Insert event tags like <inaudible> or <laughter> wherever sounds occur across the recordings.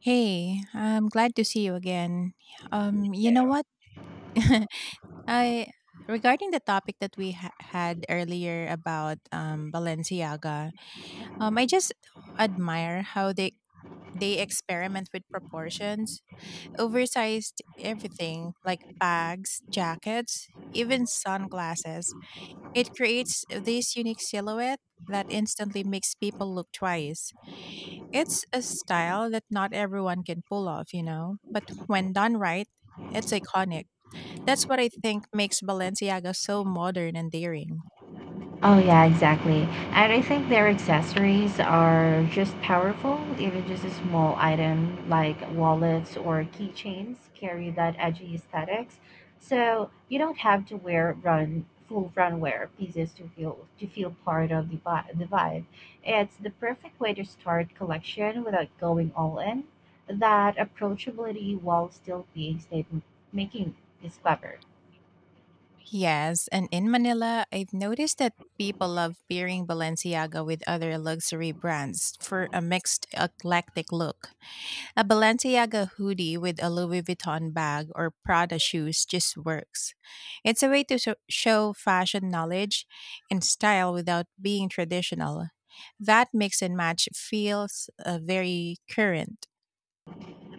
Hey, I'm glad to see you again. You know what? <laughs> I Regarding the topic that we had earlier about Balenciaga, I just admire how they experiment with proportions, oversized everything like bags, jackets, even sunglasses. It creates this unique silhouette that instantly makes people look twice. It's a style that not everyone can pull off, but when done right, it's iconic. That's what I think makes Balenciaga so modern and daring. Oh yeah, exactly. And I think their accessories are just powerful. Even just a small item like wallets or keychains carry that edgy aesthetics. So you don't have to wear run full runwear pieces to feel part of the vibe. It's the perfect way to start collection without going all in. That approachability while still being statement making is clever. Yes, and in Manila, I've noticed that people love pairing Balenciaga with other luxury brands for a mixed, eclectic look. A Balenciaga hoodie with a Louis Vuitton bag or Prada shoes just works. It's a way to show fashion knowledge and style without being traditional. That mix and match feels very current.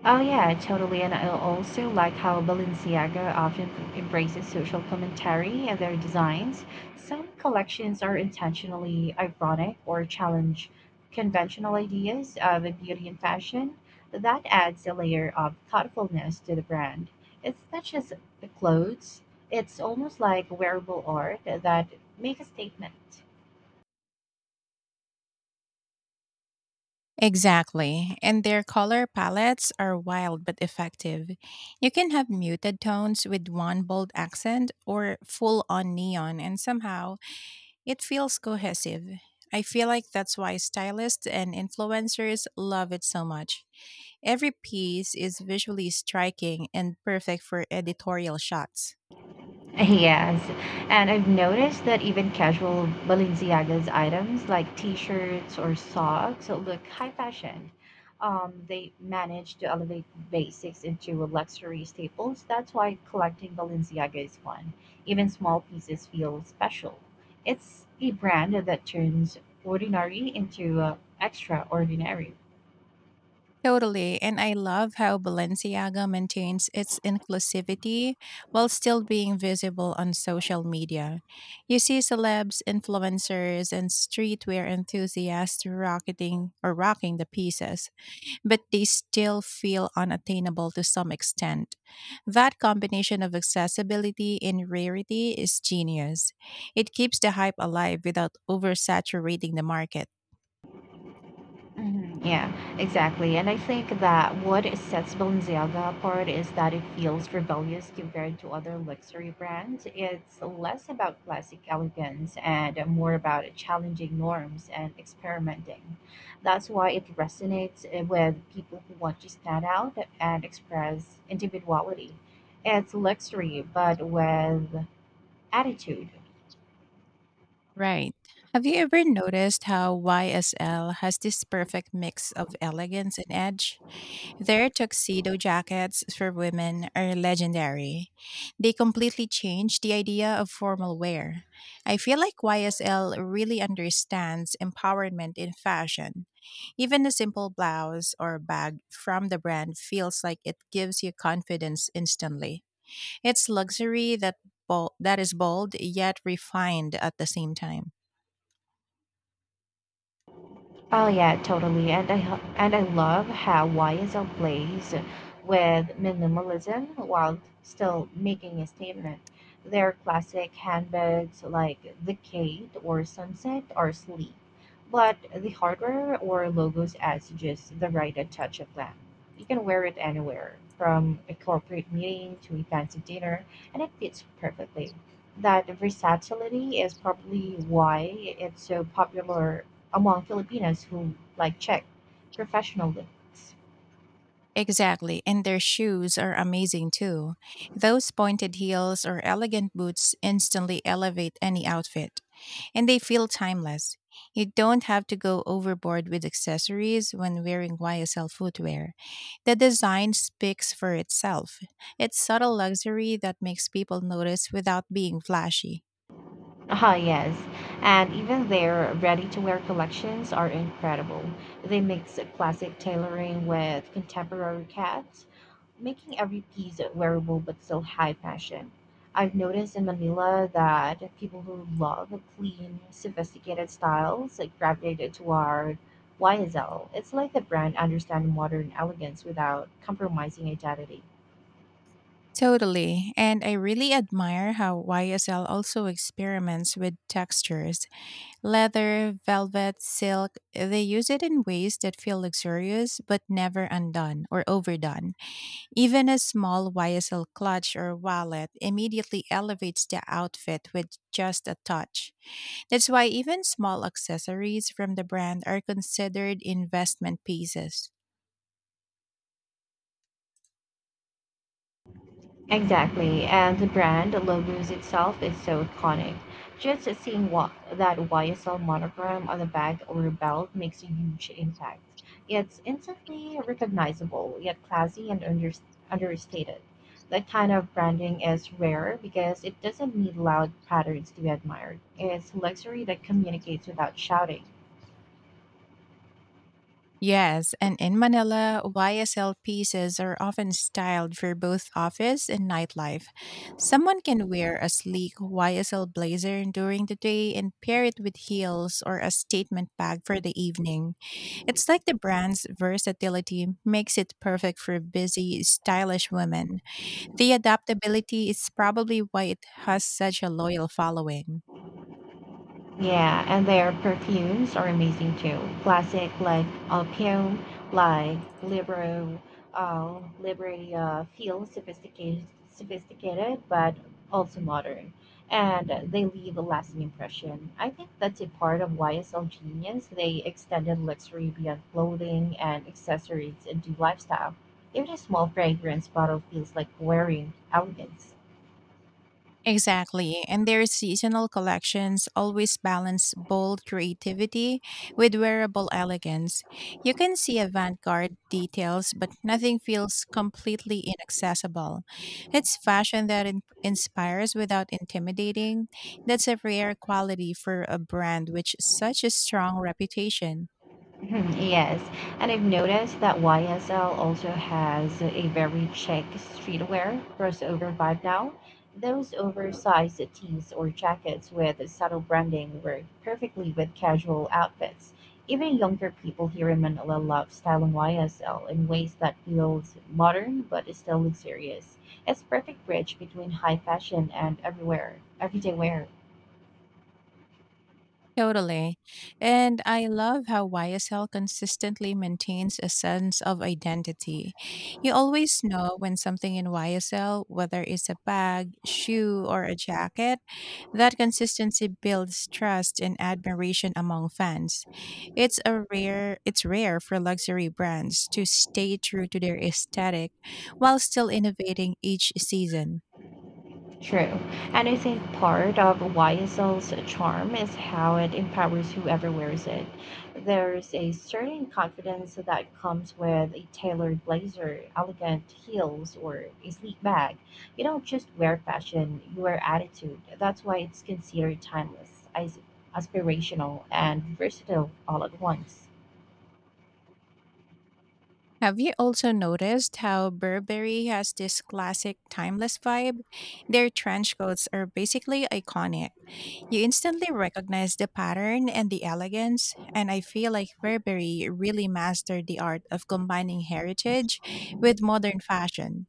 Oh yeah, totally. And I also like how Balenciaga often embraces social commentary in their designs. Some collections are intentionally ironic or challenge conventional ideas of beauty and fashion. That adds a layer of thoughtfulness to the brand. It's not just the clothes, it's almost like wearable art that make a statement. Exactly. And their color palettes are wild but effective. You can have muted tones with one bold accent or full on neon, and somehow it feels cohesive. I feel like that's why stylists and influencers love it so much. Every piece is visually striking and perfect for editorial shots. <laughs> Yes, and I've noticed that even casual Balenciaga's items like t-shirts or socks look high fashion. They manage to elevate basics into luxury staples. That's why collecting Balenciaga is fun. Even small pieces feel special. It's a brand that turns ordinary into extraordinary. Totally, and I love how Balenciaga maintains its inclusivity while still being visible on social media. You see celebs, influencers, and streetwear enthusiasts rocketing or rocking the pieces, but they still feel unattainable to some extent. That combination of accessibility and rarity is genius. It keeps the hype alive without oversaturating the market. Mhm. Yeah, exactly. And I think that what sets Balenciaga apart is that it feels rebellious compared to other luxury brands. It's less about classic elegance and more about challenging norms and experimenting. That's why it resonates with people who want to stand out and express individuality. It's luxury, but with attitude. Right. Have you ever noticed how YSL has this perfect mix of elegance and edge? Their tuxedo jackets for women are legendary. They completely changed the idea of formal wear. I feel like YSL really understands empowerment in fashion. Even a simple blouse or bag from the brand feels like it gives you confidence instantly. It's luxury that is bold yet refined at the same time. Oh yeah, totally. And I love how YSL plays with minimalism while still making a statement. Their classic handbags like the Kate or Sunset are sleek, but the hardware or logos adds just the right touch of glam. You can wear it anywhere, from a corporate meeting to a fancy dinner, and it fits perfectly. That versatility is probably why it's so popular among Filipinos who like check professional looks. Exactly, and their shoes are amazing too. Those pointed heels or elegant boots instantly elevate any outfit, and they feel timeless. You don't have to go overboard with accessories when wearing YSL footwear. The design speaks for itself. It's subtle luxury that makes people notice without being flashy. Ah, yes. And even their ready to wear collections are incredible. They mix classic tailoring with contemporary cuts, making every piece wearable but still high fashion. I've noticed in Manila that people who love clean, sophisticated styles like gravitated toward YSL. It's like the brand understands modern elegance without compromising identity. Totally, and I really admire how YSL also experiments with textures. Leather, velvet, silk, they use it in ways that feel luxurious but never undone or overdone. Even a small YSL clutch or wallet immediately elevates the outfit with just a touch. That's why even small accessories from the brand are considered investment pieces. Exactly, and the brand logos itself is so iconic. Just seeing what that YSL monogram on the bag or belt makes a huge impact. It's instantly recognizable, yet classy and understated. That kind of branding is rare because it doesn't need loud patterns to be admired. It's luxury that communicates without shouting. Yes, and in Manila, YSL pieces are often styled for both office and nightlife. Someone can wear a sleek YSL blazer during the day and pair it with heels or a statement bag for the evening. It's like the brand's versatility makes it perfect for busy, stylish women. The adaptability is probably why it has such a loyal following. Yeah, and their perfumes are amazing too. Classic like Alpion, like Libro, Libre feel sophisticated, but also modern, and they leave a lasting impression. I think that's a part of YSL Genius. They extended luxury beyond clothing and accessories into lifestyle. Even a small fragrance bottle feels like wearing elegance. Exactly. And their seasonal collections always balance bold creativity with wearable elegance. You can see avant garde details, but nothing feels completely inaccessible. It's fashion that inspires without intimidating. That's a rare quality for a brand with such a strong reputation. <laughs> Mhm. Yes, and I've noticed that YSL also has a very chic streetwear crossover vibe now. Those oversized tees or jackets with subtle branding work perfectly with casual outfits. Even younger people here in Manila love styling YSL in ways that feels modern but is still luxurious. It's perfect bridge between high fashion and everyday wear. Totally. And I love how YSL consistently maintains a sense of identity. You always know when something in YSL, whether it's a bag, shoe, or a jacket, that consistency builds trust and admiration among fans. It's rare for luxury brands to stay true to their aesthetic while still innovating each season. True. And I think part of YSL's charm is how it empowers whoever wears it. There's a certain confidence that comes with a tailored blazer, elegant heels, or a sleek bag. You don't just wear fashion, you wear attitude. That's why it's considered timeless, as aspirational, and versatile all at once. Have you also noticed how Burberry has this classic timeless vibe? Their trench coats are basically iconic. You instantly recognize the pattern and the elegance, and I feel like Burberry really mastered the art of combining heritage with modern fashion.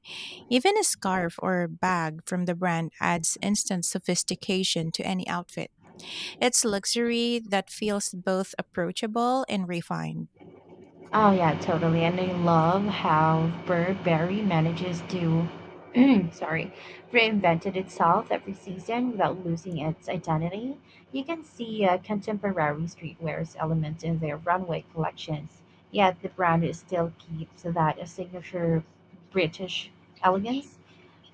Even a scarf or bag from the brand adds instant sophistication to any outfit. It's luxury that feels both approachable and refined. Oh yeah, totally. And I love how Burberry manages to, <clears throat> sorry, reinvented itself every season without losing its identity. You can see a contemporary streetwear's element in their runway collections, yet the brand is still keeps that signature British elegance.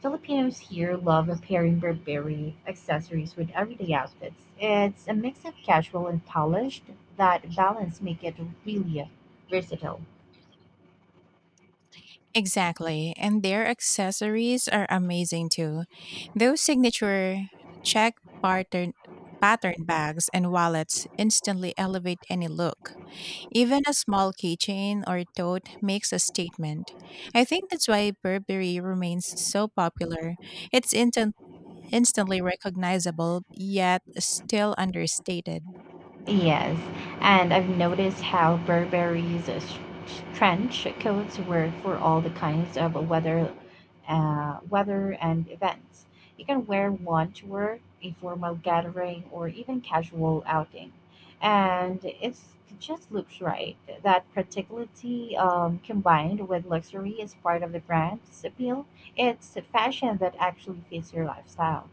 Filipinos here love pairing Burberry accessories with everyday outfits. It's a mix of casual and polished. That balance make it really versatile. Exactly. And their accessories are amazing too. Those signature check pattern bags and wallets instantly elevate any look. Even a small keychain or tote makes a statement. I think that's why Burberry remains so popular. It's instant instantly recognizable yet still understated. Yes, and I've noticed how Burberry's trench coats work for all the kinds of weather, weather and events. You can wear one to work, a formal gathering, or even casual outing, and it just looks right. That practicality combined with luxury is part of the brand's appeal. It's a fashion that actually fits your lifestyle.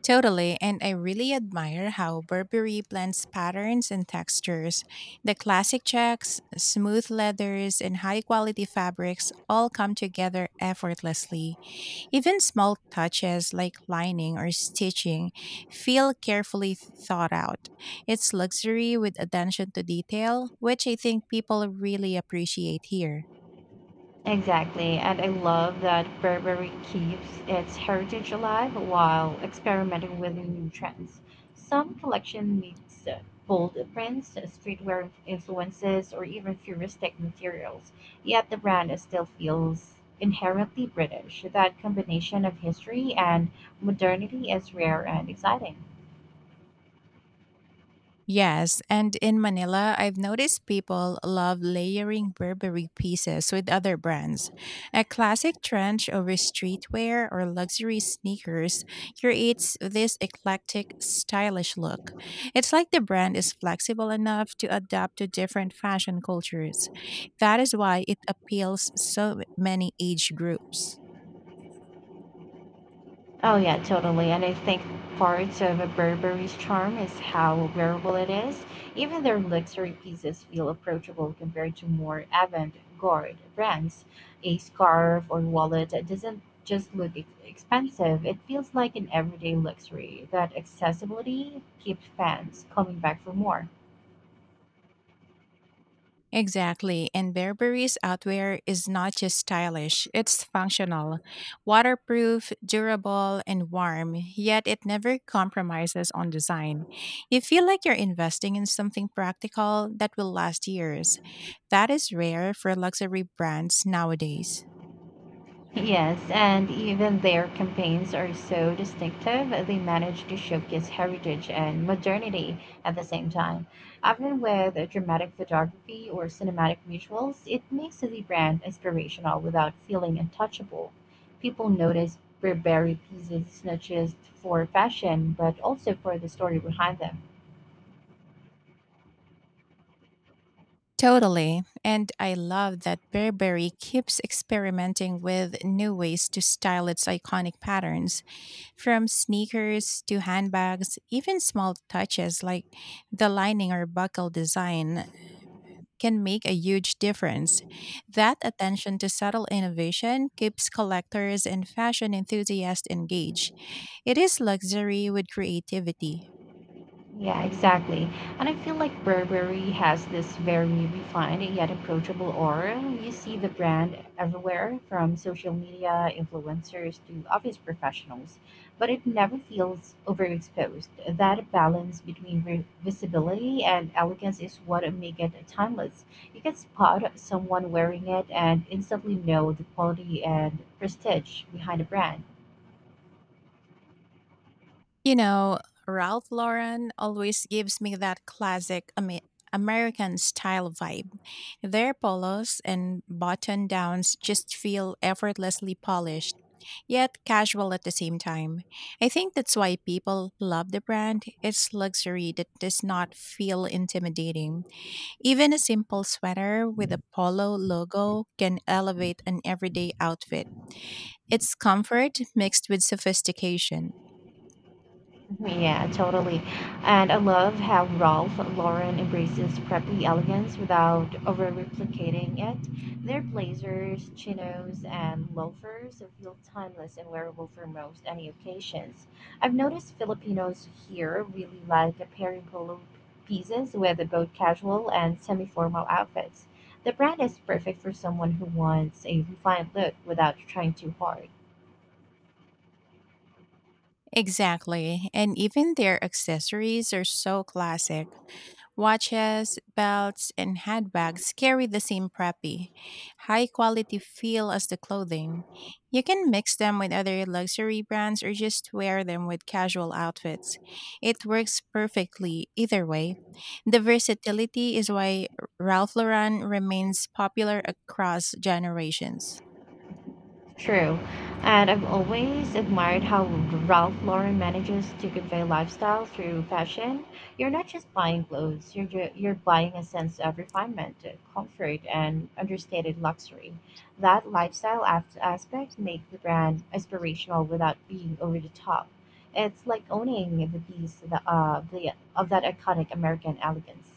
Totally, and I really admire how Burberry blends patterns and textures. The classic checks, smooth leathers, and high quality fabrics all come together effortlessly. Even small touches like lining or stitching feel carefully thought out. It's luxury with attention to detail, which I think people really appreciate here. Exactly, and I love that Burberry keeps its heritage alive while experimenting with new trends. Some collection mix bold prints, streetwear influences, or even futuristic materials. Yet the brand still feels inherently British. That combination of history and modernity is rare and exciting. Yes, and in Manila, I've noticed people love layering Burberry pieces with other brands. A classic trench over streetwear or luxury sneakers creates this eclectic, stylish look. It's like the brand is flexible enough to adapt to different fashion cultures. That is why it appeals so many age groups. Oh yeah, totally. And I think part of a Burberry's charm is how wearable it is. Even their luxury pieces feel approachable compared to more avant-garde brands. A scarf or wallet that doesn't just look expensive, it feels like an everyday luxury. That accessibility keeps fans coming back for more. Exactly. And Burberry's outwear is not just stylish, it's functional, waterproof, durable, and warm, yet it never compromises on design. You feel like you're investing in something practical that will last years. That is rare for luxury brands nowadays. Yes, and even their campaigns are so distinctive, they manage to showcase heritage and modernity at the same time. Often with dramatic photography or cinematic visuals, it makes the brand inspirational without feeling untouchable. People notice Burberry pieces not just for fashion, but also for the story behind them. Totally. And I love that Burberry keeps experimenting with new ways to style its iconic patterns. From sneakers to handbags, even small touches like the lining or buckle design can make a huge difference. That attention to subtle innovation keeps collectors and fashion enthusiasts engaged. It is luxury with creativity. Yeah, exactly. And I feel like Burberry has this very refined yet approachable aura. You see the brand everywhere, from social media influencers to office professionals, but it never feels overexposed. That balance between visibility and elegance is what makes it timeless. You can spot someone wearing it and instantly know the quality and prestige behind the brand. You know, Ralph Lauren always gives me that classic American style vibe. Their polos and button downs just feel effortlessly polished, yet casual at the same time. I think that's why people love the brand. It's luxury that does not feel intimidating. Even a simple sweater with a polo logo can elevate an everyday outfit. It's comfort mixed with sophistication. Yeah, totally. And I love how Ralph Lauren embraces preppy elegance without over replicating it. Their blazers, chinos, and loafers feel timeless and wearable for most any occasions. I've noticed Filipinos here really like pairing polo pieces with both casual and semi formal outfits. The brand is perfect for someone who wants a refined look without trying too hard. Exactly. And even their accessories are so classic. Watches, belts, and handbags carry the same preppy, high quality feel as the clothing. You can mix them with other luxury brands or just wear them with casual outfits. It works perfectly either way. The versatility is why Ralph Lauren remains popular across generations. True. And I've always admired how Ralph Lauren manages to convey lifestyle through fashion. You're not just buying clothes, you're buying a sense of refinement, comfort, and understated luxury. That lifestyle aspect makes the brand aspirational without being over the top. It's like owning the piece of that iconic American elegance.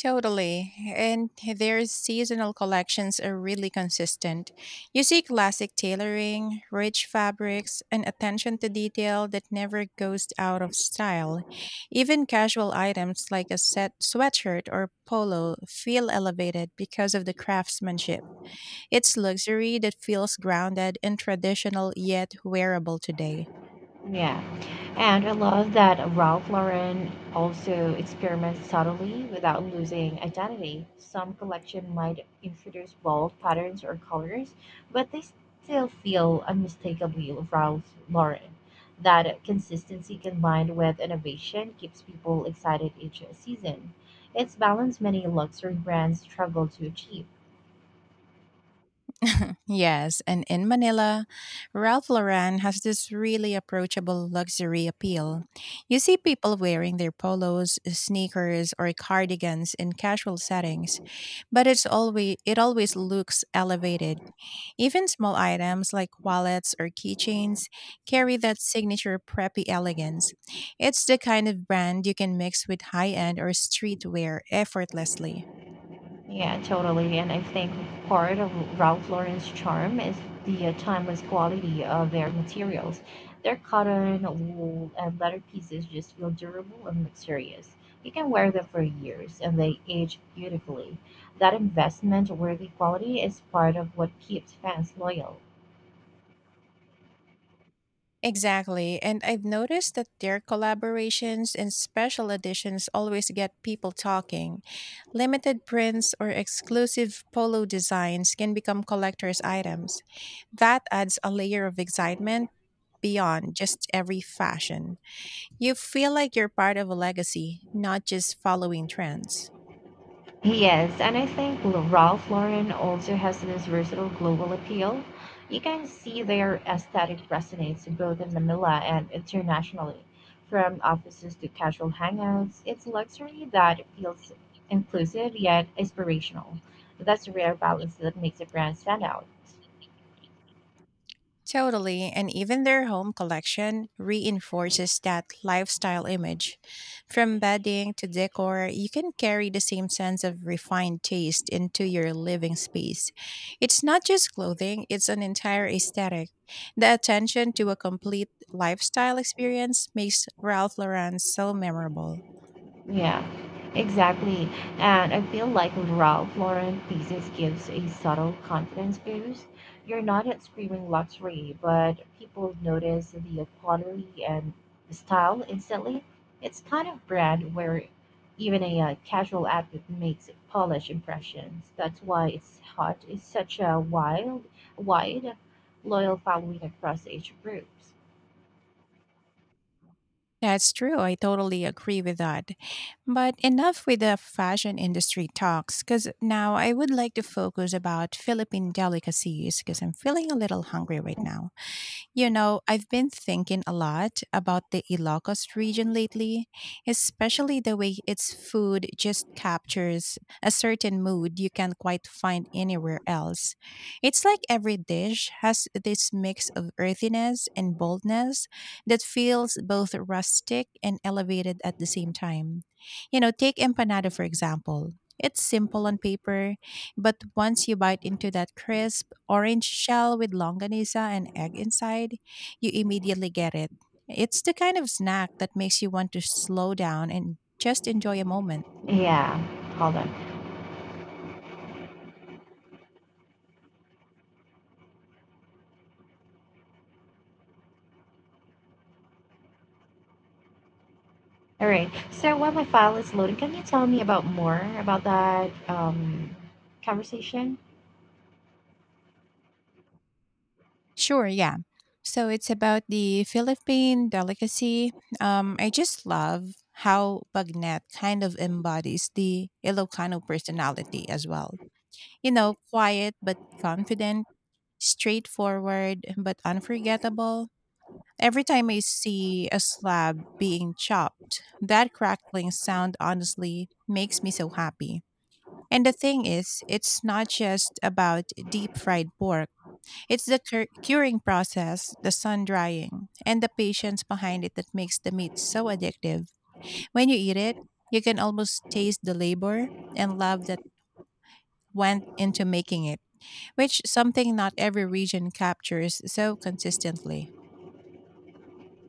Totally. And their seasonal collections are really consistent. You see classic tailoring, rich fabrics, and attention to detail that never goes out of style. Even casual items like a set sweatshirt or polo feel elevated because of the craftsmanship. It's luxury that feels grounded and traditional yet wearable today. Yeah. And I love that Ralph Lauren also experiments subtly without losing identity. Some collection might introduce bold patterns or colors, but they still feel unmistakably Ralph Lauren. That consistency combined with innovation keeps people excited each season. It's balance many luxury brands struggle to achieve. Yes, and in Manila, Ralph Lauren has this really approachable luxury appeal. You see people wearing their polos, sneakers, or cardigans in casual settings, but it always looks elevated. Even small items like wallets or keychains carry that signature preppy elegance. It's the kind of brand you can mix with high-end or streetwear effortlessly. Yeah, totally. And I think part of Ralph Lauren's charm is the timeless quality of their materials. Their cotton, wool, and leather pieces just feel durable and luxurious. You can wear them for years and they age beautifully. That investment worthy quality is part of what keeps fans loyal. Exactly. And I've noticed that their collaborations and special editions always get people talking. Limited prints or exclusive polo designs can become collector's items. That adds a layer of excitement beyond just every fashion. You feel like you're part of a legacy, not just following trends. Yes, and I think Ralph Lauren also has this versatile global appeal. You can see their aesthetic resonates both in Manila and internationally. From offices to casual hangouts, it's luxury that feels inclusive yet inspirational. That's a rare balance that makes a brand stand out. Totally, and even their home collection reinforces that lifestyle image. From bedding to decor, you can carry the same sense of refined taste into your living space. It's not just clothing, it's an entire aesthetic. The attention to a complete lifestyle experience makes Ralph Lauren so memorable. Yeah, exactly. And I feel like Ralph Lauren pieces gives a subtle confidence boost. You're not at screaming luxury, but people notice the quality and style instantly. It's kind of brand where even a casual outfit makes polished impressions. That's why it's hot. It's such a wide, loyal following across age groups. That's true. I totally agree with that. But enough with the fashion industry talks cuz now I would like to focus about Philippine delicacies cuz I'm feeling a little hungry right now. You know, I've been thinking a lot about the Ilocos region lately, especially the way its food just captures a certain mood you can't quite find anywhere else. It's like every dish has this mix of earthiness and boldness that feels both rustic and elevated at the same time. You know, take empanada for example. It's simple on paper, but once you bite into that crisp, orange shell with longanisa and egg inside, you immediately get it. It's the kind of snack that makes you want to slow down and just enjoy a moment. Yeah, hold on. All right. So while my file is loading, can you tell me about more about that conversation? Sure, yeah. So it's about the Philippine delicacy. I just love how Bagnet kind of embodies the Ilocano personality as well. You know, quiet but confident, straightforward but unforgettable. Every time I see a slab being chopped, that crackling sound honestly makes me so happy. And the thing is, it's not just about deep fried pork. It's the curing process, the sun drying, and the patience behind it that makes the meat so addictive. When you eat it, you can almost taste the labor and love that went into making it, which something not every region captures so consistently.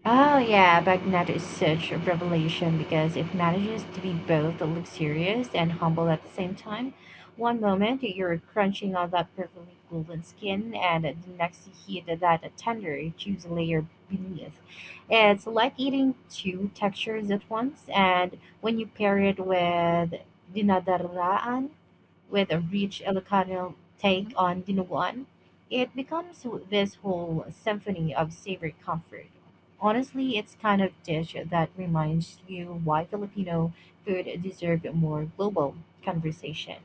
Oh yeah, Baghdad is such a revelation because it manages to be both luxurious and humble at the same time. One moment you're crunching on that perfectly golden skin, and the next you heat that tender juice layer beneath. It's like eating two textures at once, and when you pair it with dinadaraan, with a rich Ilocano take on dinuguan, it becomes this whole symphony of savory comfort. Honestly, it's kind of dish that reminds you why Filipino food deserves more global conversation.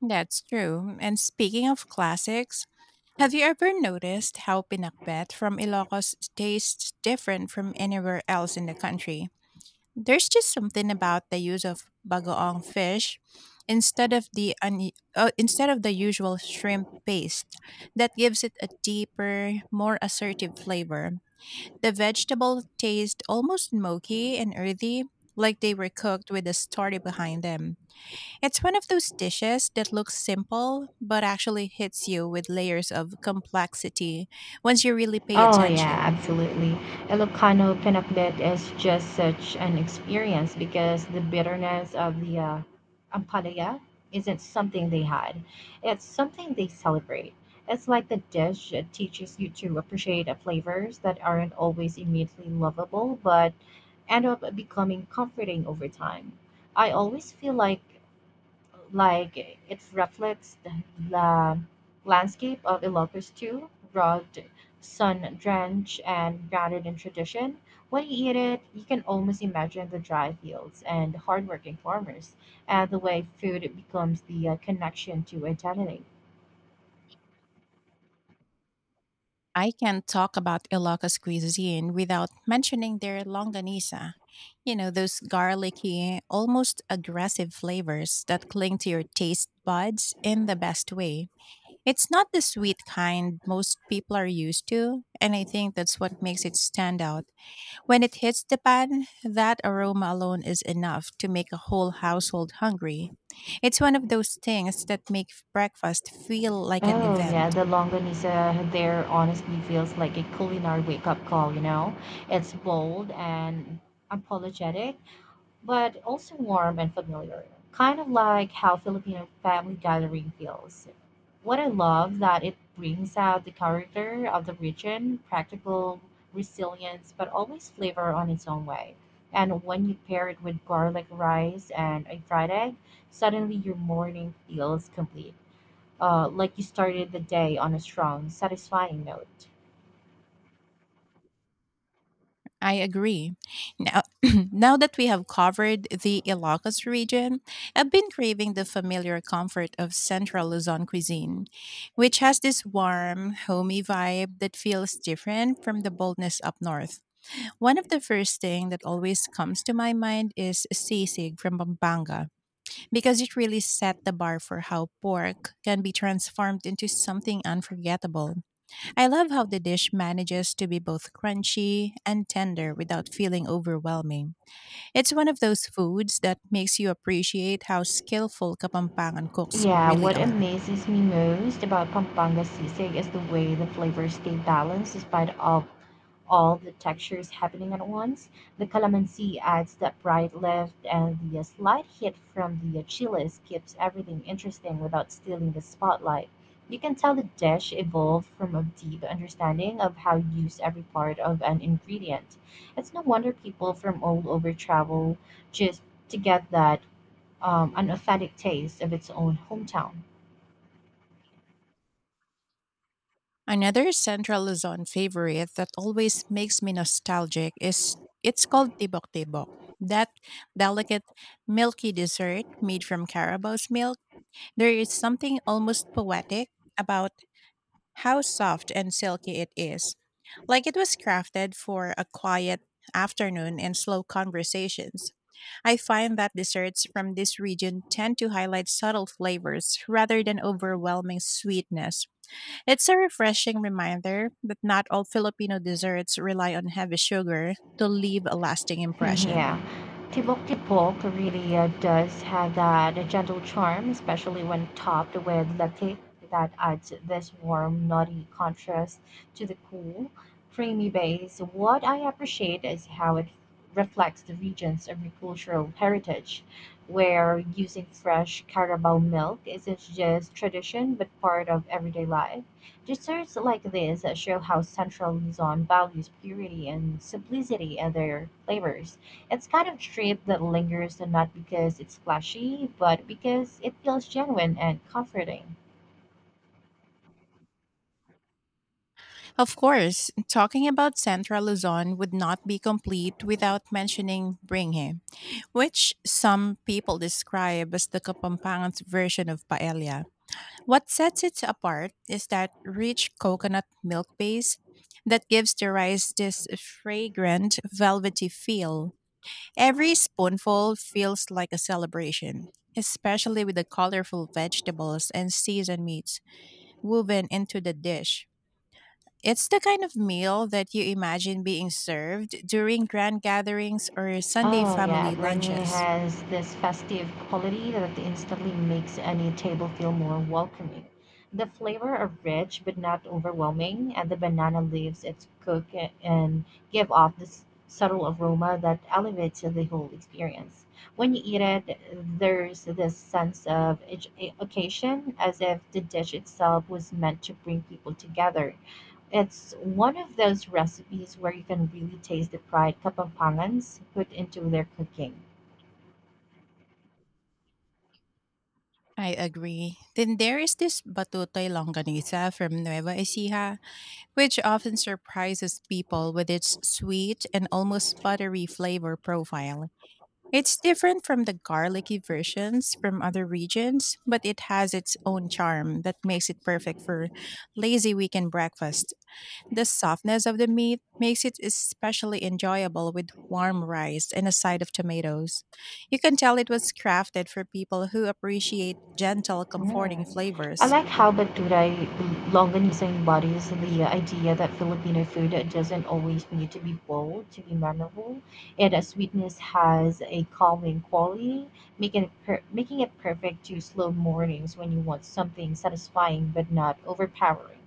That's true. And speaking of classics, have you ever noticed how pinakbet from Ilocos tastes different from anywhere else in the country? There's just something about the use of bagoong fish instead of the instead of the usual shrimp paste that gives it a deeper, more assertive flavor. The vegetable taste almost smoky and earthy, like they were cooked with a story behind them. It's one of those dishes that looks simple, but actually hits you with layers of complexity once you really pay Oh yeah, attention. absolutely. Ilocano pinakbet is just such an experience because the bitterness of the ampalaya isn't something they hide; it's something they celebrate. It's like the dish that teaches you to appreciate flavors that aren't always immediately lovable but end up becoming comforting over time. I always feel like it reflects the landscape of Ilocos too, rugged, sun drenched, and grounded in tradition. When you eat it, you can almost imagine the dry fields and hardworking farmers, and the way food becomes the connection to identity. I can't talk about Ilocos cuisine without mentioning their longanisa. You know, those garlicky, almost aggressive flavors that cling to your taste buds in the best way. It's not the sweet kind most people are used to, and I think that's what makes it stand out. When it hits the pan, that aroma alone is enough to make a whole household hungry. It's one of those things that make breakfast feel like an Oh yeah, event. the longanisa there honestly feels like a culinary wake-up call, you know? It's bold and apologetic but also warm and familiar, kind of like how Filipino family gathering feels. What I love that it brings out the character of the region, practical resilience, but always flavor on its own way. And when you pair it with garlic rice and a fried egg, suddenly your morning feels complete. Like you started the day on a strong, satisfying note. I agree. Now, <clears throat> now that we have covered the Ilocos region, I've been craving the familiar comfort of Central Luzon cuisine, which has this warm, homey vibe that feels different from the boldness up north. One of the first thing that always comes to my mind is sisig from Pampanga because it really set the bar for how pork can be transformed into something unforgettable. I love how the dish manages to be both crunchy and tender without feeling overwhelming. It's one of those foods that makes you appreciate how skillful Kapampangan cooks Yeah, really what are. amazes me most about Pampanga sisig is the way the flavors stay balanced despite all the textures happening at once. The calamansi adds that bright lift, and the slight hit from the chiles keeps everything interesting without stealing the spotlight. You can tell the dish evolved from a deep understanding of how to use every part of an ingredient. It's no wonder people from all over travel just to get that an authentic taste of its own hometown. Another Central Luzon favorite that always makes me nostalgic is it's called tibok tibok. That delicate, milky dessert made from carabao's milk. There is something almost poetic about how soft and silky it is, like it was crafted for a quiet afternoon and slow conversations. I find that desserts from this region tend to highlight subtle flavors rather than overwhelming sweetness. It's a refreshing reminder that not all Filipino desserts rely on heavy sugar to leave a lasting <laughs> impression. Yeah. Tibok Tibok really does have that gentle charm, especially when topped with latte, that adds this warm, nutty contrast to the cool, creamy base. What I appreciate is how it reflects the region's agricultural heritage, where using fresh Carabao milk isn't just tradition but part of everyday life. Desserts like this show how Central Luzon values purity and simplicity in their flavors. It's kind of trip that lingers and not because it's flashy, but because it feels genuine and comforting. Of course, talking about Central Luzon would not be complete without mentioning Bringhe, which some people describe as the Kapampangan's version of paella. What sets it apart is that rich coconut milk base that gives the rice this fragrant, velvety feel. Every spoonful feels like a celebration, especially with the colorful vegetables and seasoned meats woven into the dish. It's the kind of meal that you imagine being served during grand gatherings or Sunday Oh yeah, family Bringing lunches. has this festive quality that instantly makes any table feel more welcoming. The flavor are rich but not overwhelming, and the banana leaves its cook and give off this subtle aroma that elevates the whole experience. When you eat it, there's this sense of occasion as if the dish itself was meant to bring people together. It's one of those recipes where you can really taste the pride Kapampangan's put into their cooking. I agree. Then there is this batutoy longanisa from Nueva Ecija, which often surprises people with its sweet and almost buttery flavor profile. It's different from the garlicky versions from other regions, but it has its own charm that makes it perfect for lazy weekend breakfast. The softness of the meat makes it especially enjoyable with warm rice and a side of tomatoes. You can tell it was crafted for people who appreciate gentle, comforting Mm. I flavors. like how Baturay Longanisa embodies the idea that Filipino food doesn't always need to be bold to be memorable, and that sweetness has a calming quality, making it perfect to slow mornings when you want something satisfying but not overpowering.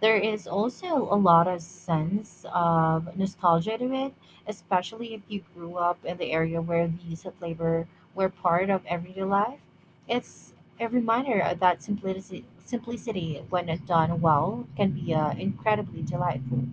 There is also a lot of sense of nostalgia to it, especially if you grew up in the area where these flavor were part of everyday life. It's a reminder that simplicity when done well, can be incredibly delightful.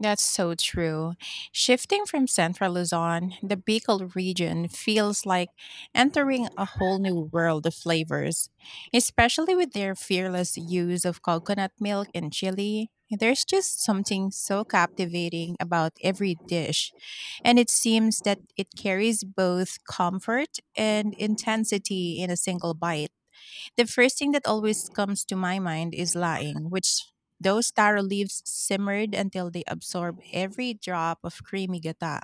That's so true. Shifting from central Luzon, the Bicol region feels like entering a whole new world of flavors, especially with their fearless use of coconut milk and chili. There's just something so captivating about every dish, and it seems that it carries both comfort and intensity in a single bite. The first thing that always comes to my mind is lying, which those taro leaves simmered until they absorb every drop of creamy gata.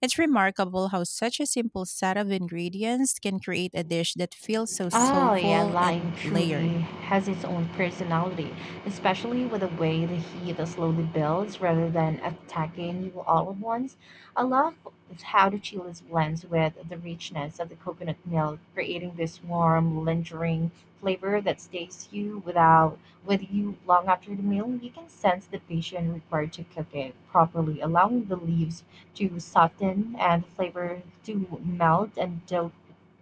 It's remarkable how such a simple set of ingredients can create a dish that feels so Oh, yeah, soulful Latin and truly layered. has its own personality, especially with the way the heat slowly builds rather than attacking you all at once. I love how the chiles blends with the richness of the coconut milk, creating this warm, lingering flavor that stays you without with you long after the meal. You can sense the patience required to cook it properly, allowing the leaves to soften and the flavor to melt and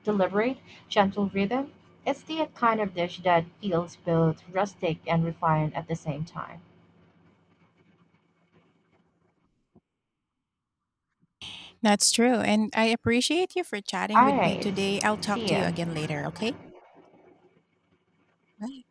deliberate gentle rhythm. It's the kind of dish that feels both rustic and refined at the same time. That's true. And I appreciate you for chatting All with me right, today. I'll talk see to you ya. again later, okay? Bye.